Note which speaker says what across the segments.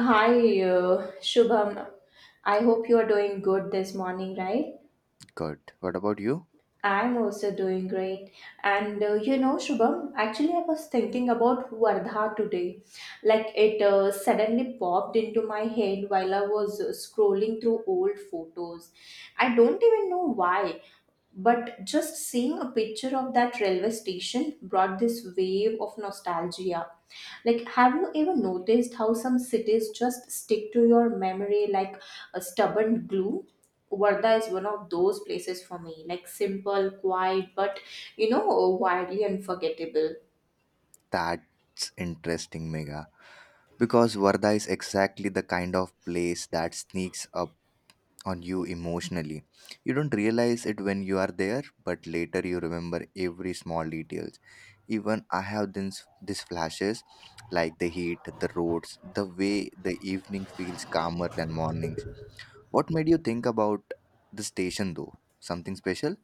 Speaker 1: Hi, Shubham. I hope you are doing good this morning, right?
Speaker 2: Good. What about you?
Speaker 1: I'm also doing great. And Shubham, actually, I was thinking about Vardha today. Like, it suddenly popped into my head while I was scrolling through old photos. I don't even know why, but just seeing a picture of that railway station brought this wave of nostalgia. Like, have you ever noticed how some cities just stick to your memory like a stubborn glue? Varda is one of those places for me, like simple, quiet, but wildly unforgettable.
Speaker 2: That's interesting, Mega. Because Varda is exactly the kind of place that sneaks up on you emotionally. You don't realize it when you are there, but later you remember every small details. Even I have these flashes like the heat, the roads, the way the evening feels calmer than mornings. What made you think about the station though? Something special?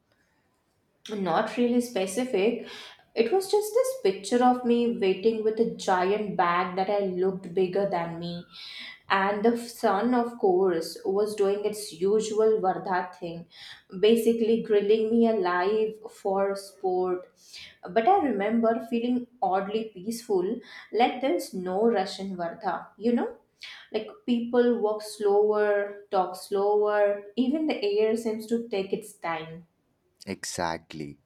Speaker 1: Not really specific. It was just this picture of me waiting with a giant bag that I looked bigger than me, and the sun, of course, was doing its usual vardha thing, basically grilling me alive for sport. But I remember feeling oddly peaceful. Like there's no rush in vardha. Like people walk slower, talk slower, even the air seems to take its time.
Speaker 2: Exactly.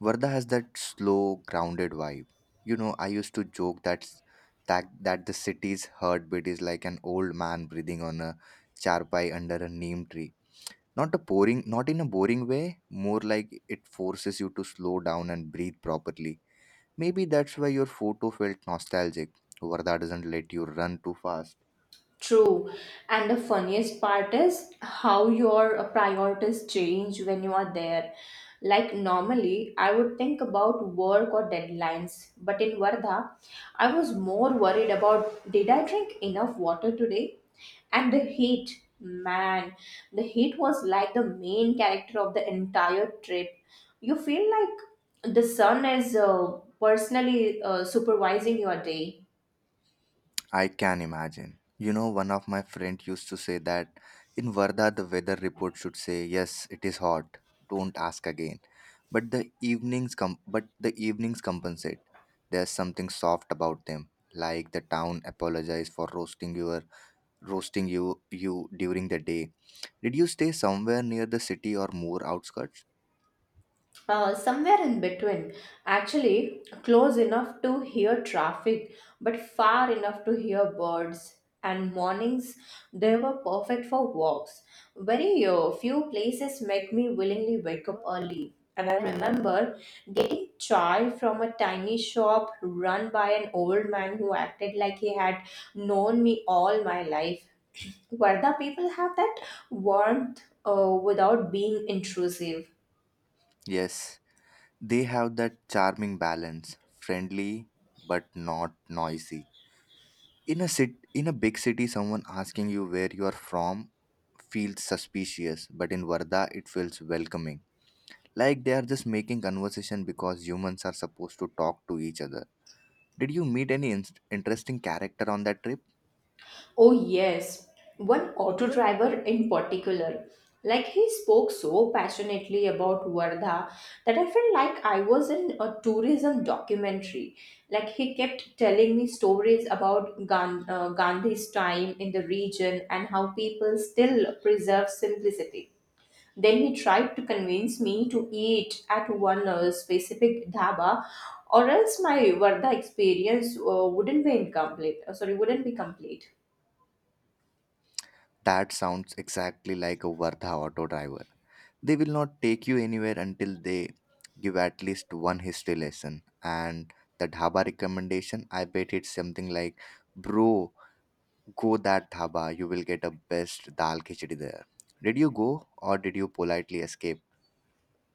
Speaker 2: Varda has that slow, grounded vibe. You know, I used to joke that the city's heartbeat is like an old man breathing on a charpai under a neem tree. Not in a boring way, more like it forces you to slow down and breathe properly. Maybe that's why your photo felt nostalgic. Varda doesn't let you run too fast.
Speaker 1: True. And the funniest part is how your priorities change when you are there. Like normally, I would think about work or deadlines, but in Varda, I was more worried about, did I drink enough water today? And the heat, man, the heat was like the main character of the entire trip. You feel like the sun is personally supervising your day.
Speaker 2: I can imagine. You know, one of my friend used to say that in Varda the weather report should say, "Yes, it is hot. Don't ask again." But the but the evenings compensate. There's something soft about them, like the town apologize for roasting you during the day. Did you stay somewhere near the city or more outskirts?
Speaker 1: Somewhere in between, actually close enough to hear traffic but far enough to hear birds. And mornings, they were perfect for walks. Very few places make me willingly wake up early, and I remember getting chai from a tiny shop run by an old man who acted like he had known me all my life. Varda people have that warmth without being intrusive.
Speaker 2: Yes, they have that charming balance, friendly but not noisy. in a sit in a big city someone asking you where you are from feels suspicious, but in Varda it feels welcoming, like they are just making conversation because humans are supposed to talk to each other. Did you meet any interesting character on that trip?
Speaker 1: Oh, yes. One auto driver in particular. Like he spoke so passionately about Vardha that I felt like I was in a tourism documentary. Like he kept telling me stories about Gandhi's time in the region and how people still preserve simplicity. Then he tried to convince me to eat at one specific dhaba, or else my Vardha experience wouldn't be incomplete. Sorry, wouldn't be complete.
Speaker 2: That sounds exactly like a Varda auto driver. They will not take you anywhere until they give at least one history lesson. And the dhaba recommendation, I bet it's something like, bro, go that dhaba, you will get a best dal khichdi there. Did you go or did you politely escape?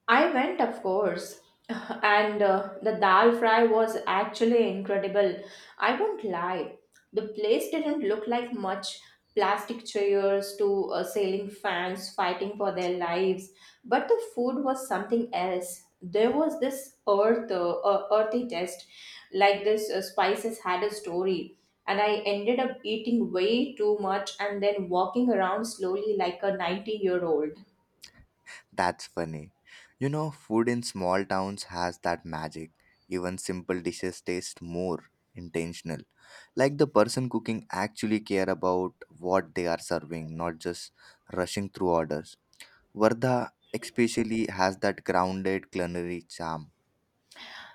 Speaker 1: I went, of course, and the dal fry was actually incredible. I won't lie. The place didn't look like much, plastic chairs to sailing fans fighting for their lives, but the food was something else. There was this earthy taste, like this spices had a story. And I ended up eating way too much and then walking around slowly like a 90-year-old.
Speaker 2: That's funny. You know, food in small towns has that magic. Even simple dishes taste more intentional. Like the person cooking actually care about what they are serving, not just rushing through orders. Vardha especially has that grounded culinary charm.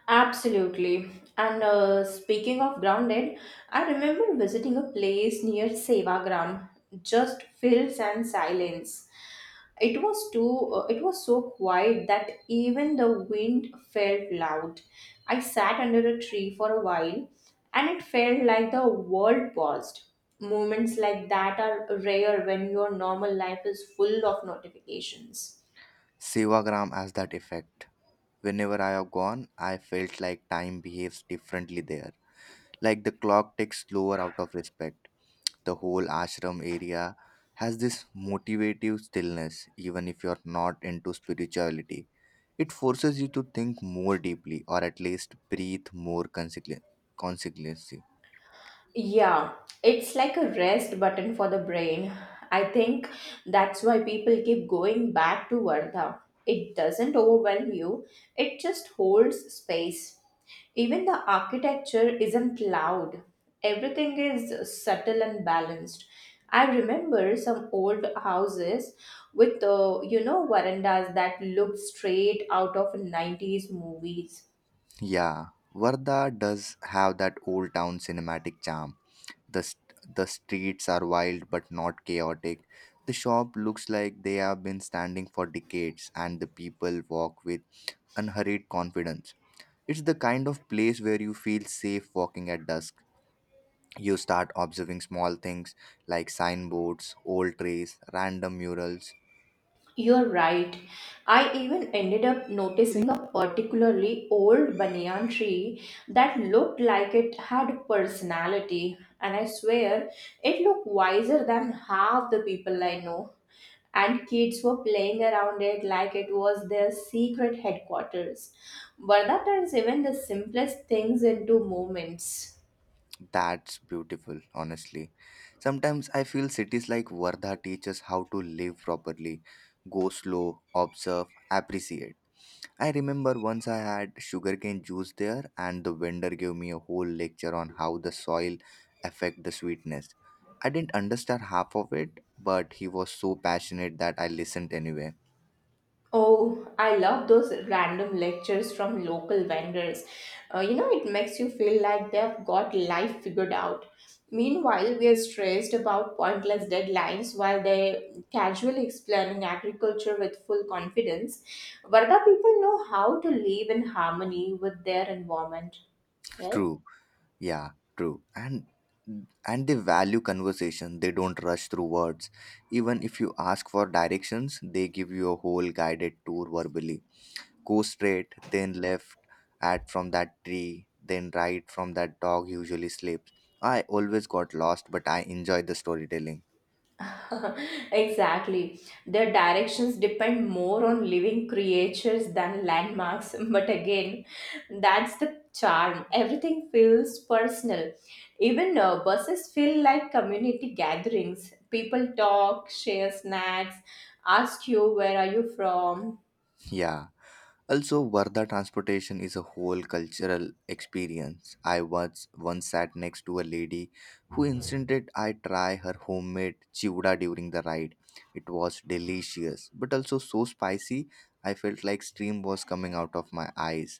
Speaker 1: Absolutely. And speaking of grounded, I remember visiting a place near Sevagram, just fields and silence. It was too. It was so quiet that even the wind felt loud. I sat under a tree for a while, and it felt like the world paused. Moments like that are rare when your normal life is full of notifications.
Speaker 2: Sevagram has that effect. Whenever I have gone, I felt like time behaves differently there. Like the clock ticks slower out of respect. The whole ashram area has this motivative stillness, even if you're not into spirituality. It forces you to think more deeply, or at least breathe more consequently.
Speaker 1: Yeah, it's like a rest button for the brain. I think that's why people keep going back to Vardha. It doesn't overwhelm you, it just holds space. Even the architecture isn't loud, everything is subtle and balanced. I remember some old houses with, verandas that looked straight out of 90s movies.
Speaker 2: Yeah, Varda does have that old town cinematic charm. The streets are wild but not chaotic. The shop looks like they have been standing for decades, and the people walk with unhurried confidence. It's the kind of place where you feel safe walking at dusk. You start observing small things like signboards, old trees, random murals.
Speaker 1: You're right. I even ended up noticing a particularly old banyan tree that looked like it had personality, and I swear it looked wiser than half the people I know. And kids were playing around it like it was their secret headquarters. Varda turns even the simplest things into moments.
Speaker 2: That's beautiful, honestly. Sometimes I feel cities like Vardha teach us how to live properly, go slow, observe, appreciate. I remember once I had sugarcane juice there, and the vendor gave me a whole lecture on how the soil affect the sweetness. I didn't understand half of it, but he was so passionate that I listened anyway.
Speaker 1: Oh, I love those random lectures from local vendors. It makes you feel like they've got life figured out. Meanwhile, we are stressed about pointless deadlines while they're casually explaining agriculture with full confidence. Varda people know how to live in harmony with their environment, right?
Speaker 2: True, yeah, true. And they value conversation. They don't rush through words. Even if you ask for directions, they give you a whole guided tour verbally. Go straight, then left at from that tree, then right from that dog usually sleeps. I always got lost, but I enjoyed the storytelling.
Speaker 1: Exactly. Their directions depend more on living creatures than landmarks. But again, that's the charm. Everything feels personal. Even buses feel like community gatherings. People talk, share snacks, ask you, where are you from?
Speaker 2: Yeah. Also, Varda transportation is a whole cultural experience. I once sat next to a lady who insisted I try her homemade chivda during the ride. It was delicious, but also so spicy. I felt like steam was coming out of my eyes,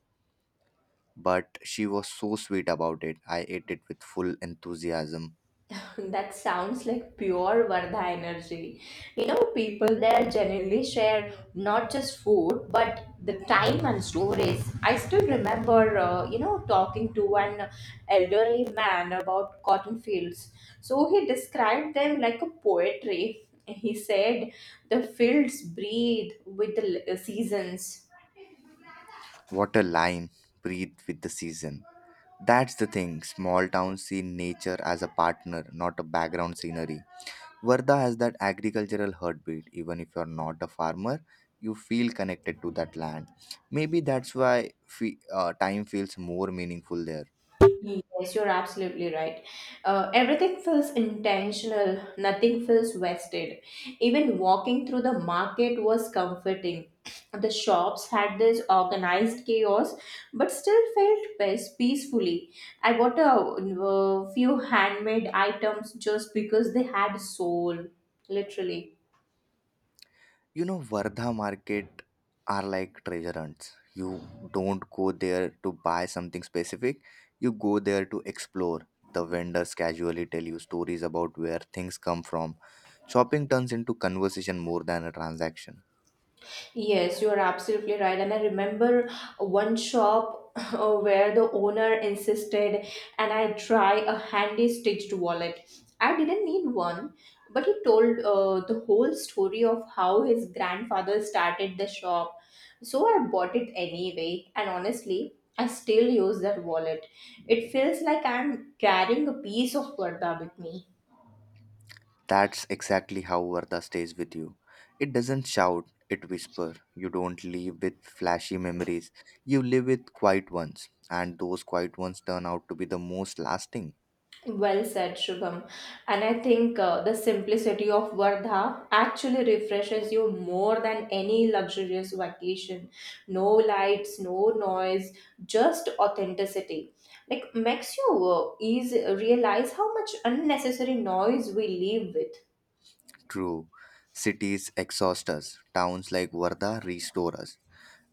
Speaker 2: but she was so sweet about it. I ate it with full enthusiasm.
Speaker 1: That sounds like pure Vardha energy. You know, people there generally share not just food, but the time and stories. I still remember, talking to one elderly man about cotton fields. So he described them like a poetry. He said the fields breathe with the seasons.
Speaker 2: What a line! Breathe with the season. That's the thing. Small towns see nature as a partner, not a background scenery. Varda has that agricultural heartbeat. Even if you're not a farmer, you feel connected to that land. Maybe that's why time feels more meaningful there.
Speaker 1: Yes, you're absolutely right. Everything feels intentional, nothing feels wasted. Even walking through the market was comforting. The shops had this organized chaos, but still felt peacefully. I bought a, few handmade items just because they had soul, literally.
Speaker 2: You know, Vardha market are like treasure hunts. You don't go there to buy something specific, you go there to explore. The vendors casually tell you stories about where things come from. Shopping turns into conversation more than a transaction.
Speaker 1: Yes, you are absolutely right. And I remember one shop where the owner insisted, and I try a handy stitched wallet. I didn't need one, but he told the whole story of how his grandfather started the shop. So I bought it anyway, and honestly, I still use that wallet. It feels like I'm carrying a piece of Varda with me.
Speaker 2: That's exactly how Vardha stays with you. It doesn't shout, it whispers. You don't leave with flashy memories, you live with quiet ones, and those quiet ones turn out to be the most lasting.
Speaker 1: Well said, Shubham. And I think the simplicity of Vardha actually refreshes you more than any luxurious vacation. No lights, no noise, just authenticity. Like makes you easy realize how much unnecessary noise we live with.
Speaker 2: True. Cities exhaust us. Towns like Varda restore us.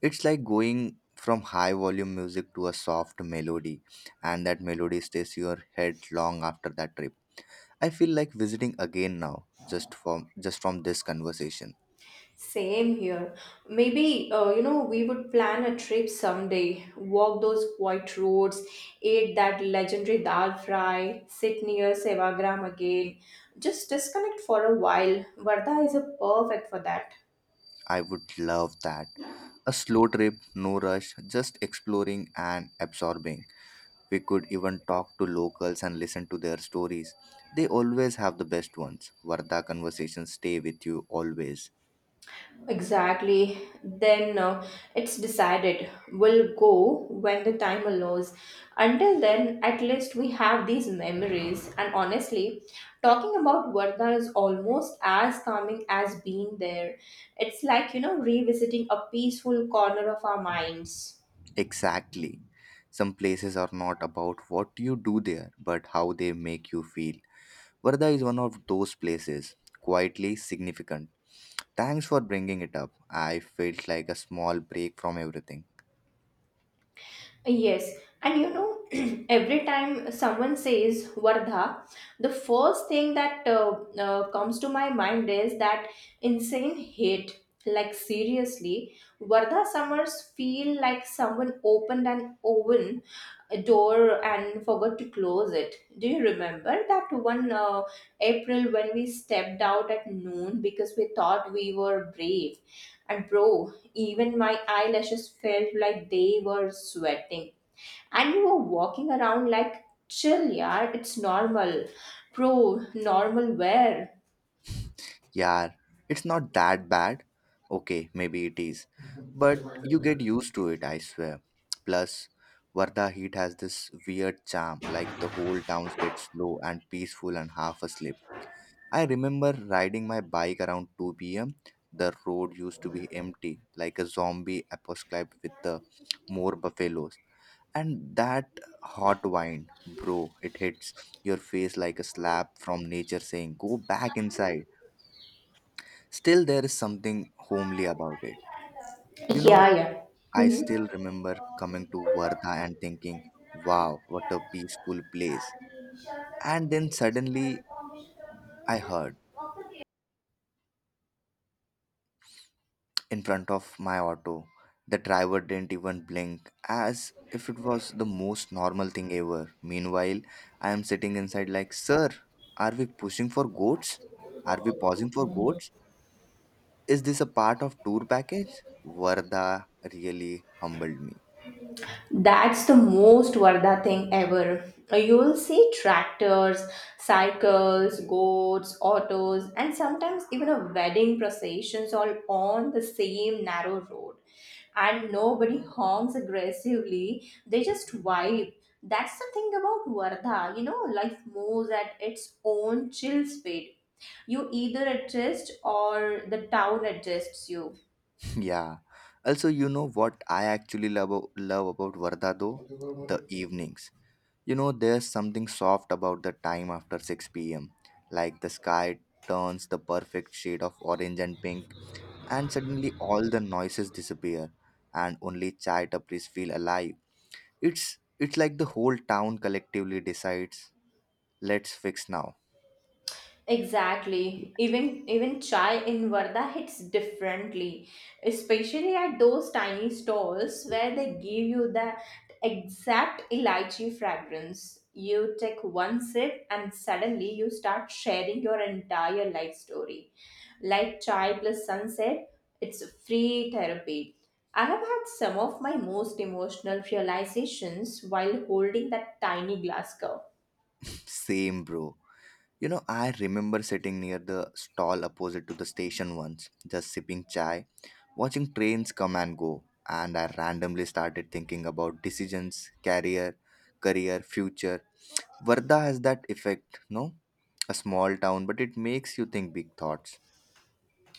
Speaker 2: It's like going from high volume music to a soft melody, and that melody stays in your head long after that trip. I feel like visiting again now, just from this conversation.
Speaker 1: Same here. Maybe, we would plan a trip someday, walk those quiet roads, eat that legendary dal fry, sit near Sevagram again. Just disconnect for a while. Varda is a perfect for that.
Speaker 2: I would love that. A slow trip, no rush, just exploring and absorbing. We could even talk to locals and listen to their stories. They always have the best ones. Varda conversations stay with you always.
Speaker 1: Exactly. Then it's decided. We'll go when the time allows. Until then, at least we have these memories. And honestly, talking about Varda is almost as calming as being there. It's like, you know, revisiting a peaceful corner of our minds.
Speaker 2: Exactly. Some places are not about what you do there, but how they make you feel. Varda is one of those places, quietly significant. Thanks for bringing it up. I felt like a small break from everything.
Speaker 1: Yes, and you know, every time someone says Vardha, the first thing that comes to my mind is that insane hate. Like, seriously, Vardha summers feel like someone opened an oven door and forgot to close it. Do you remember that one April when we stepped out at noon because we thought we were brave? And bro, even my eyelashes felt like they were sweating, and you were walking around like, chill, yeah, it's normal. Bro, normal where?
Speaker 2: Yeah, it's not that bad. Okay, maybe it is. But you get used to it, I swear. Plus, Varda heat has this weird charm, like the whole town gets slow and peaceful and half asleep. I remember riding my bike around 2 pm. The road used to be empty, like a zombie apocalypse with the more buffaloes. And that hot wine, bro, it hits your face like a slap from nature saying, go back inside. Still, there is something homely about it. You know,
Speaker 1: Yeah, yeah.
Speaker 2: I still remember coming to Varda and thinking, wow, what a peaceful place. And then suddenly I heard
Speaker 1: Hmm.
Speaker 2: in front of my auto. The driver didn't even blink, as if it was the most normal thing ever. Meanwhile, I am sitting inside, like, sir, are we pushing for goats? Are we pausing for goats? Is this a part of tour package? Varda really humbled me.
Speaker 1: That's the most Vardha thing ever. You will see tractors, cycles, goats, autos, and sometimes even a wedding processions all on the same narrow road. And nobody honks aggressively, they just vibe. That's the thing about Vardha, you know, life moves at its own chill speed. You either adjust or the town adjusts you.
Speaker 2: Yeah. Also, you know what I actually love about Varda though? The evenings. You know, there's something soft about the time after 6 pm. Like the sky turns the perfect shade of orange and pink, and suddenly all the noises disappear, and only chai tapris feel alive. It's like the whole town collectively decides, let's fix now.
Speaker 1: Exactly. Even chai in Varda hits differently, especially at those tiny stalls where they give you that exact elychee fragrance. You take one sip and suddenly you start sharing your entire life story. Like chai plus sunset, it's free therapy. I have had some of my most emotional realizations while holding that tiny glass cup.
Speaker 2: Same, bro. You know, I remember sitting near the stall opposite to the station once, just sipping chai, watching trains come and go, and I randomly started thinking about decisions, career, future. Varda has that effect, no? A small town, but it makes you think big thoughts.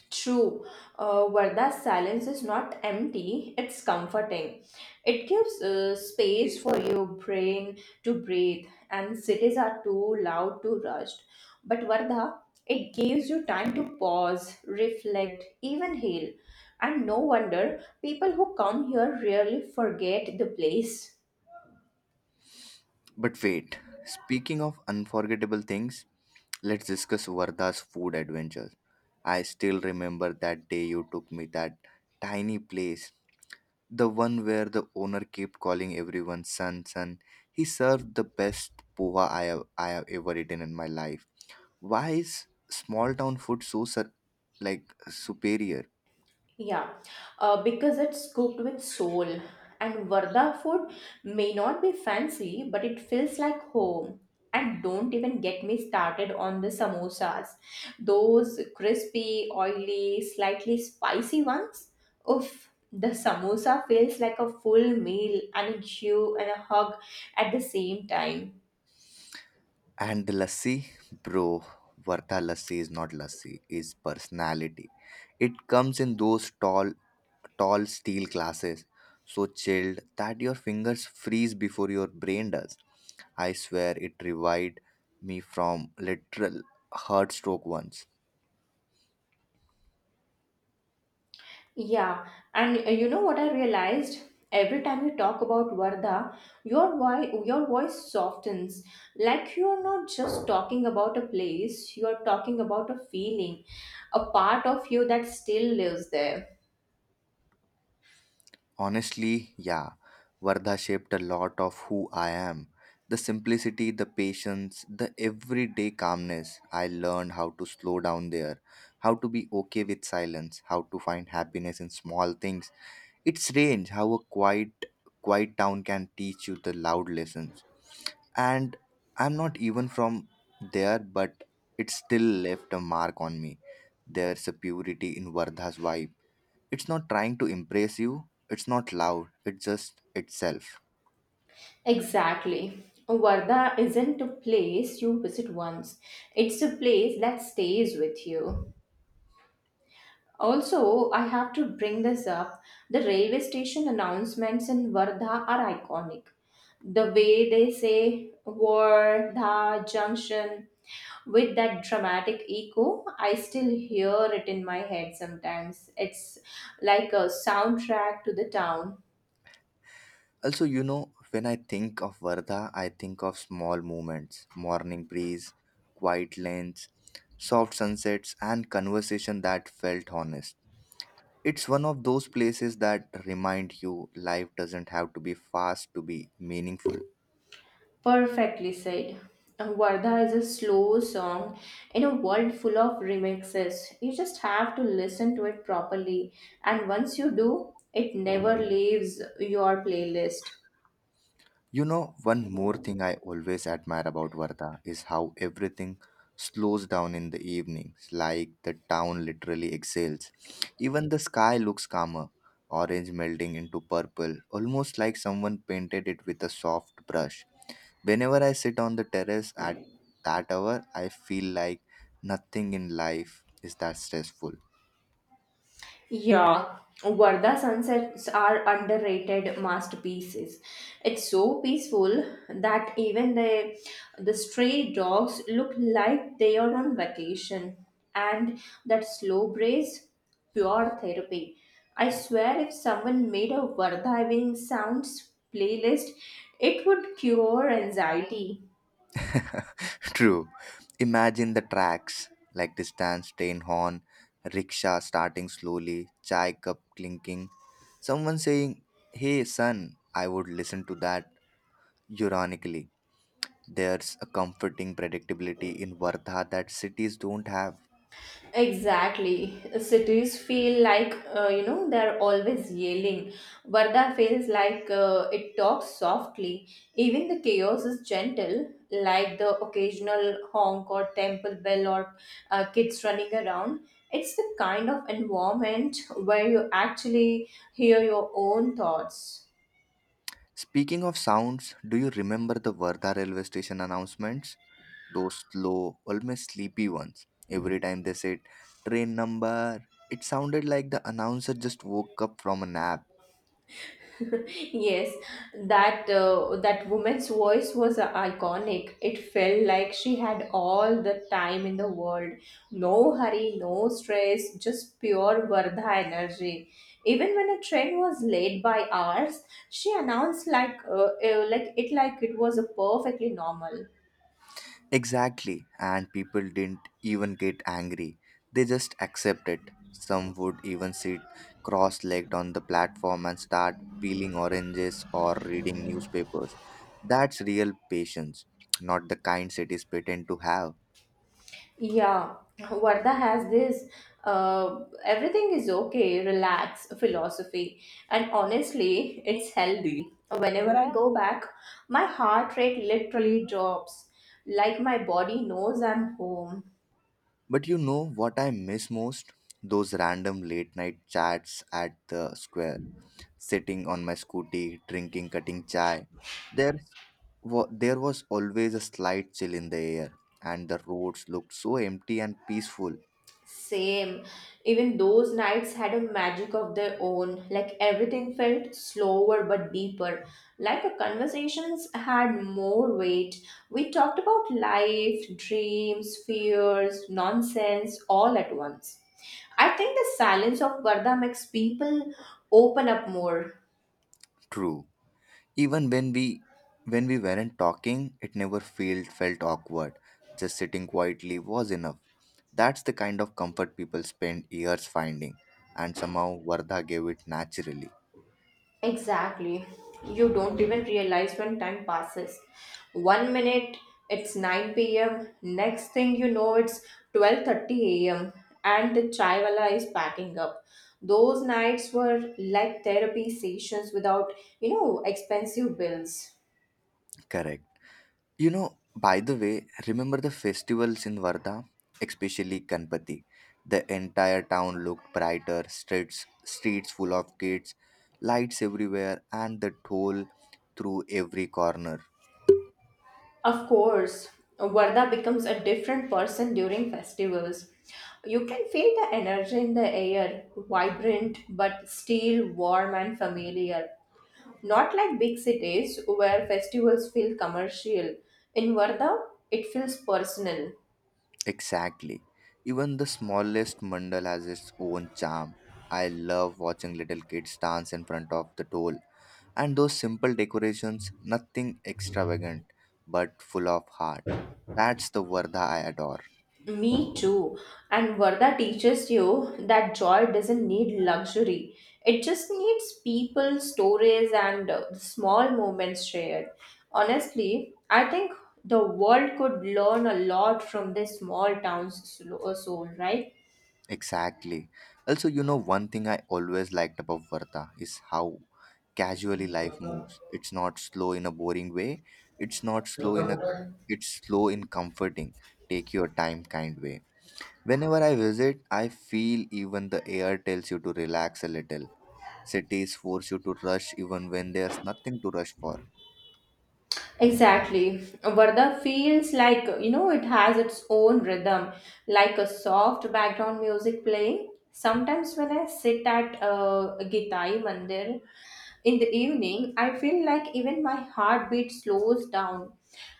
Speaker 1: True, Varda's silence is not empty, it's comforting. It gives space for your brain to breathe, and cities are too loud, too rushed. But Varda, it gives you time to pause, reflect, even heal. And no wonder people who come here really forget the place.
Speaker 2: But wait, speaking of unforgettable things, let's discuss Varda's food adventures. I still remember that day you took me that tiny place, the one where the owner kept calling everyone son. He served the best poha I have ever eaten in my life. Why is small town food so superior?
Speaker 1: Yeah, because it's cooked with soul. And Varda food may not be fancy, but it feels like home. And don't even get me started on the samosas. Those crispy, oily, slightly spicy ones. Oof, the samosa feels like a full meal and a chew and a hug at the same time.
Speaker 2: And the lassi, bro, Vartha lassi is not lassi, is personality. It comes in those tall steel glasses, so chilled that your fingers freeze before your brain does. I swear it revived me from literal heart stroke once.
Speaker 1: Yeah, and you know what I realized? Every time you talk about Varda, your voice softens. Like you're not just talking about a place, you're talking about a feeling, a part of you that still lives there.
Speaker 2: Honestly, yeah. Vardha shaped a lot of who I am. The simplicity, the patience, the everyday calmness. I learned how to slow down there, how to be okay with silence, how to find happiness in small things. It's strange how a quiet town can teach you the loud lessons. And I'm not even from there, but it still left a mark on me. There's a purity in Vardha's vibe, it's not trying to impress you, it's not loud, it's just itself.
Speaker 1: Exactly. Varda isn't a place you visit once. It's a place that stays with you. Also, I have to bring this up. The railway station announcements in Vardha are iconic. The way they say Vardha Junction with that dramatic echo, I still hear it in my head sometimes. It's like a soundtrack to the town.
Speaker 2: Also, you know, when I think of Varda, I think of small moments: morning breeze, quiet lanes, soft sunsets, and conversation that felt honest. It's one of those places that remind you life doesn't have to be fast to be meaningful.
Speaker 1: Perfectly said. Vardha is a slow song in a world full of remixes. You just have to listen to it properly, and once you do, it never leaves your playlist.
Speaker 2: You know, one more thing I always admire about Varda is how everything slows down in the evenings, like the town literally exhales. Even the sky looks calmer, orange melting into purple, almost like someone painted it with a soft brush. Whenever I sit on the terrace at that hour, I feel like nothing in life is that stressful.
Speaker 1: Yeah, Varda sunsets are underrated masterpieces. It's so peaceful that even the stray dogs look like they are on vacation. And that slow breeze, pure therapy. I swear, if someone made a Warda having sounds playlist, it would cure anxiety.
Speaker 2: True. Imagine the tracks like distant train horn, rickshaw starting slowly, chai cup clinking, someone saying, hey son, I would listen to that ironically. There's a comforting predictability in Vardha that cities don't have.
Speaker 1: Exactly. Cities feel like, they're always yelling. Varda feels like it talks softly. Even the chaos is gentle, like the occasional honk or temple bell or kids running around. It's the kind of environment where you actually hear your own thoughts.
Speaker 2: Speaking of sounds, do you remember the Vardha railway station announcements? Those slow, almost sleepy ones. Every time they said train number, it sounded like the announcer just woke up from a nap.
Speaker 1: Yes, that woman's voice was iconic. It felt like she had all the time in the world. No hurry, no stress, just pure Vardha energy. Even when a train was late by hours, she announced like it was a perfectly normal.
Speaker 2: Exactly, and people didn't even get angry. They just accepted. Some would even sit cross legged on the platform and start peeling oranges or reading newspapers. That's real patience, not the kind cities pretend to have.
Speaker 1: Yeah, Varda has this everything is okay, relax philosophy. And honestly, it's healthy. Whenever I go back, my heart rate literally drops. Like my body knows I'm home.
Speaker 2: But you know what I miss most? Those random late night chats at the square sitting on my scooty, drinking, cutting chai. There, there was always a slight chill in the air, and the roads looked so empty and peaceful.
Speaker 1: Same. Even those nights had a magic of their own. Like everything felt slower but deeper. Like the conversations had more weight. We talked about life, dreams, fears, nonsense all at once. I think the silence of Varda makes people open up more.
Speaker 2: True. Even when we weren't talking, it never felt awkward. Just sitting quietly was enough. That's the kind of comfort people spend years finding, and somehow Vardha gave it naturally.
Speaker 1: Exactly. You don't even realize when time passes. One minute it's 9 p.m., next thing you know it's 12:30 a.m. and the chaiwala is packing up. Those nights were like therapy sessions without expensive bills.
Speaker 2: Correct. You know, by the way, remember the festivals in Varda, especially Ganpati. The entire town looked brighter, streets full of kids, lights everywhere, and the toll through every corner.
Speaker 1: Of course, Varda becomes a different person during festivals. You can feel the energy in the air, vibrant but still warm and familiar. Not like big cities where festivals feel commercial. In Varda, it feels personal.
Speaker 2: Exactly. Even the smallest mandal has its own charm. I love watching little kids dance in front of the toll. And those simple decorations, nothing extravagant, but full of heart. That's the Varda I adore.
Speaker 1: Me too. And Varda teaches you that joy doesn't need luxury. It just needs people, stories, and small moments shared. Honestly, I think the world could learn a lot from this small town's soul, right?
Speaker 2: Exactly. Also, you know, one thing I always liked about Varta is how casually life moves. It's not slow in a boring way. It's not slow in a It's slow in comforting, take your time kind way. Whenever I visit, I feel even the air tells you to relax a little. Cities force you to rush even when there's nothing to rush for.
Speaker 1: Exactly. Varda feels like, you know, it has its own rhythm, like a soft background music playing. Sometimes when I sit at Gitai Mandir in the evening, I feel like even my heartbeat slows down.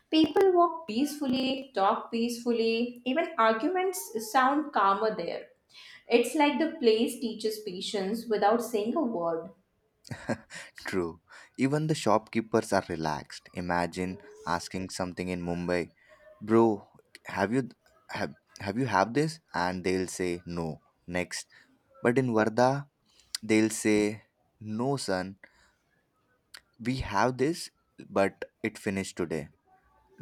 Speaker 1: People walk peacefully, talk peacefully, even arguments sound calmer there. It's like the place teaches patience without saying a word.
Speaker 2: True. Even the shopkeepers are relaxed. Imagine asking something in Mumbai, bro, have you have have you have this? And they'll say no. Next. But in Varda, they'll say, no, son, we have this, but it finished today.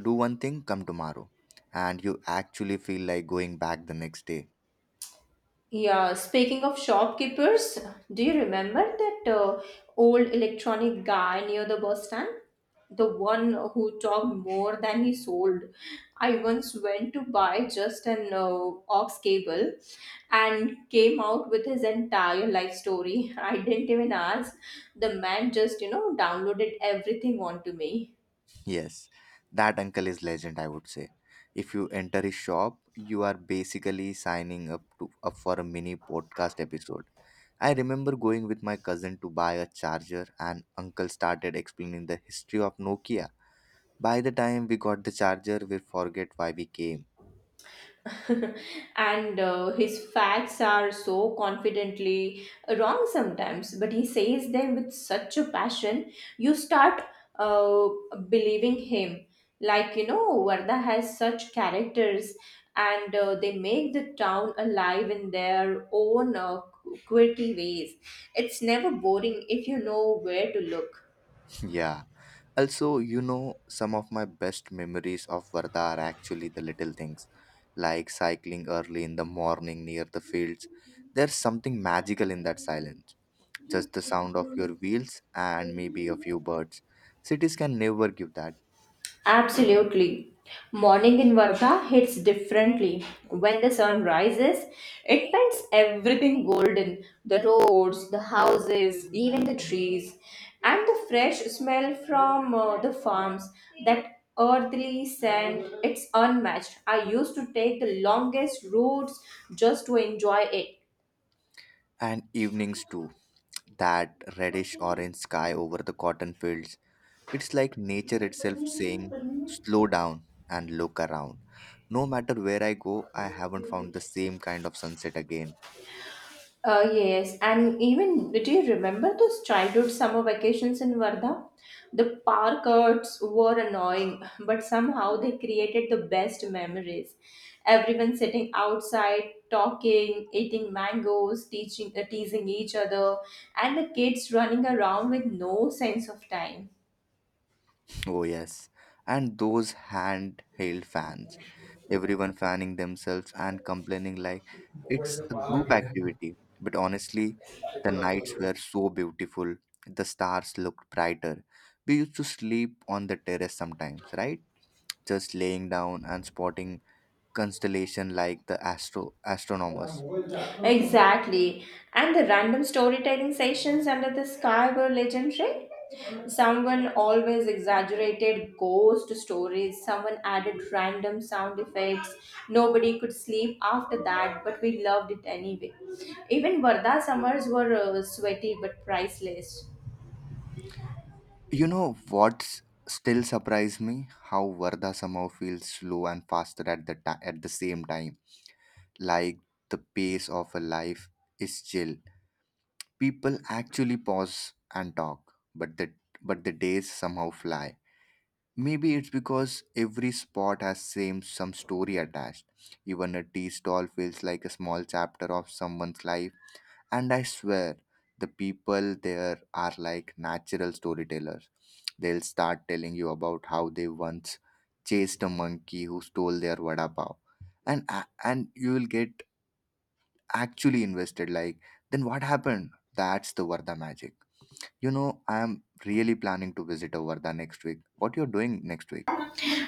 Speaker 2: Do one thing, come tomorrow. And you actually feel like going back the next day.
Speaker 1: Yeah, speaking of shopkeepers, do you remember that old electronic guy near the bus stand? The one who talked more than he sold. I once went to buy just an aux cable and came out with his entire life story. I didn't even ask. The man just, you know, downloaded everything onto me.
Speaker 2: Yes, that uncle is legend, I would say. If you enter his shop, you are basically signing up for a mini podcast episode. I remember going with my cousin to buy a charger and uncle started explaining the history of Nokia. By the time we got the charger, we forget why we came.
Speaker 1: And his facts are so confidently wrong sometimes, but he says them with such a passion, you start uh, believing him. Like, you know, Varda has such characters, and they make the town alive in their own quirky ways. It's never boring if you know where to look.
Speaker 2: Yeah. Also, you know, some of my best memories of Varda are actually the little things, like cycling early in the morning near the fields. There's something magical in that silence. Just the sound of your wheels and maybe a few birds. Cities can never give that.
Speaker 1: Absolutely. Morning in Varga hits differently. When the sun rises, it paints everything golden the roads, the houses, even the trees, and the fresh smell from the farms. That earthly scent, it's unmatched. I used to take the longest routes just to enjoy it.
Speaker 2: And evenings too, that reddish orange sky over the cotton fields. It's like nature itself saying, slow down and look around. No matter where I go, I haven't found the same kind of sunset again.
Speaker 1: Yes, and even do you remember those childhood summer vacations in Varda? The park arts were annoying, but somehow they created the best memories. Everyone sitting outside, talking, eating mangoes, teaching, teasing each other, and the kids running around with no sense of time.
Speaker 2: Oh, yes. And those handheld fans. Everyone fanning themselves and complaining like it's a group activity. But honestly, the nights were so beautiful. The stars looked brighter. We used to sleep on the terrace sometimes, right? Just laying down and spotting constellation like the astronomers.
Speaker 1: Exactly. And the random storytelling sessions under the sky were legendary. Someone always exaggerated ghost stories, someone added random sound effects. Nobody could sleep after that, but we loved it anyway. Even Varda summers were sweaty but priceless.
Speaker 2: You know what's still surprised me? How Varda somehow feels slow and faster at the ti at the same time, like the pace of a life is chill. People actually pause and talk, but the days somehow fly. Maybe it's because every spot has same some story attached. Even a tea stall feels like a small chapter of someone's life. And I swear, the people there are like natural storytellers. They'll start telling you about how they once chased a monkey who stole their vada pav, and you will get actually invested like, then what happened? That's the Varda magic. You know, I am really planning to visit a Varda next week. What you're doing next week?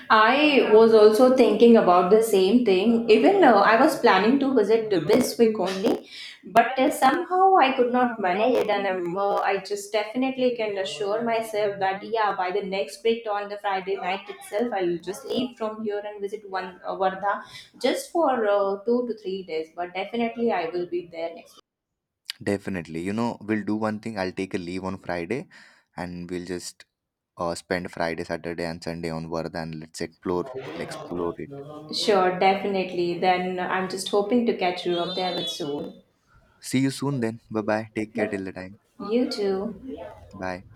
Speaker 1: I was also thinking about the same thing, even though I was planning to visit this week only, but somehow I could not manage it, and I just definitely can assure myself that yeah, by the next week on the Friday night itself, I'll just leave from here and visit one Vardha just for 2 to 3 days. But definitely, I will be there next
Speaker 2: Definitely, you know, we'll do one thing. I'll take a leave on Friday, and we'll just spend Friday, Saturday and Sunday on Varda, and let's explore it.
Speaker 1: week. Sure, definitely. Then I'm just hoping to catch you up there with soon.
Speaker 2: See you soon then. Bye bye, take care
Speaker 1: But
Speaker 2: till the time.
Speaker 1: you too.
Speaker 2: Bye.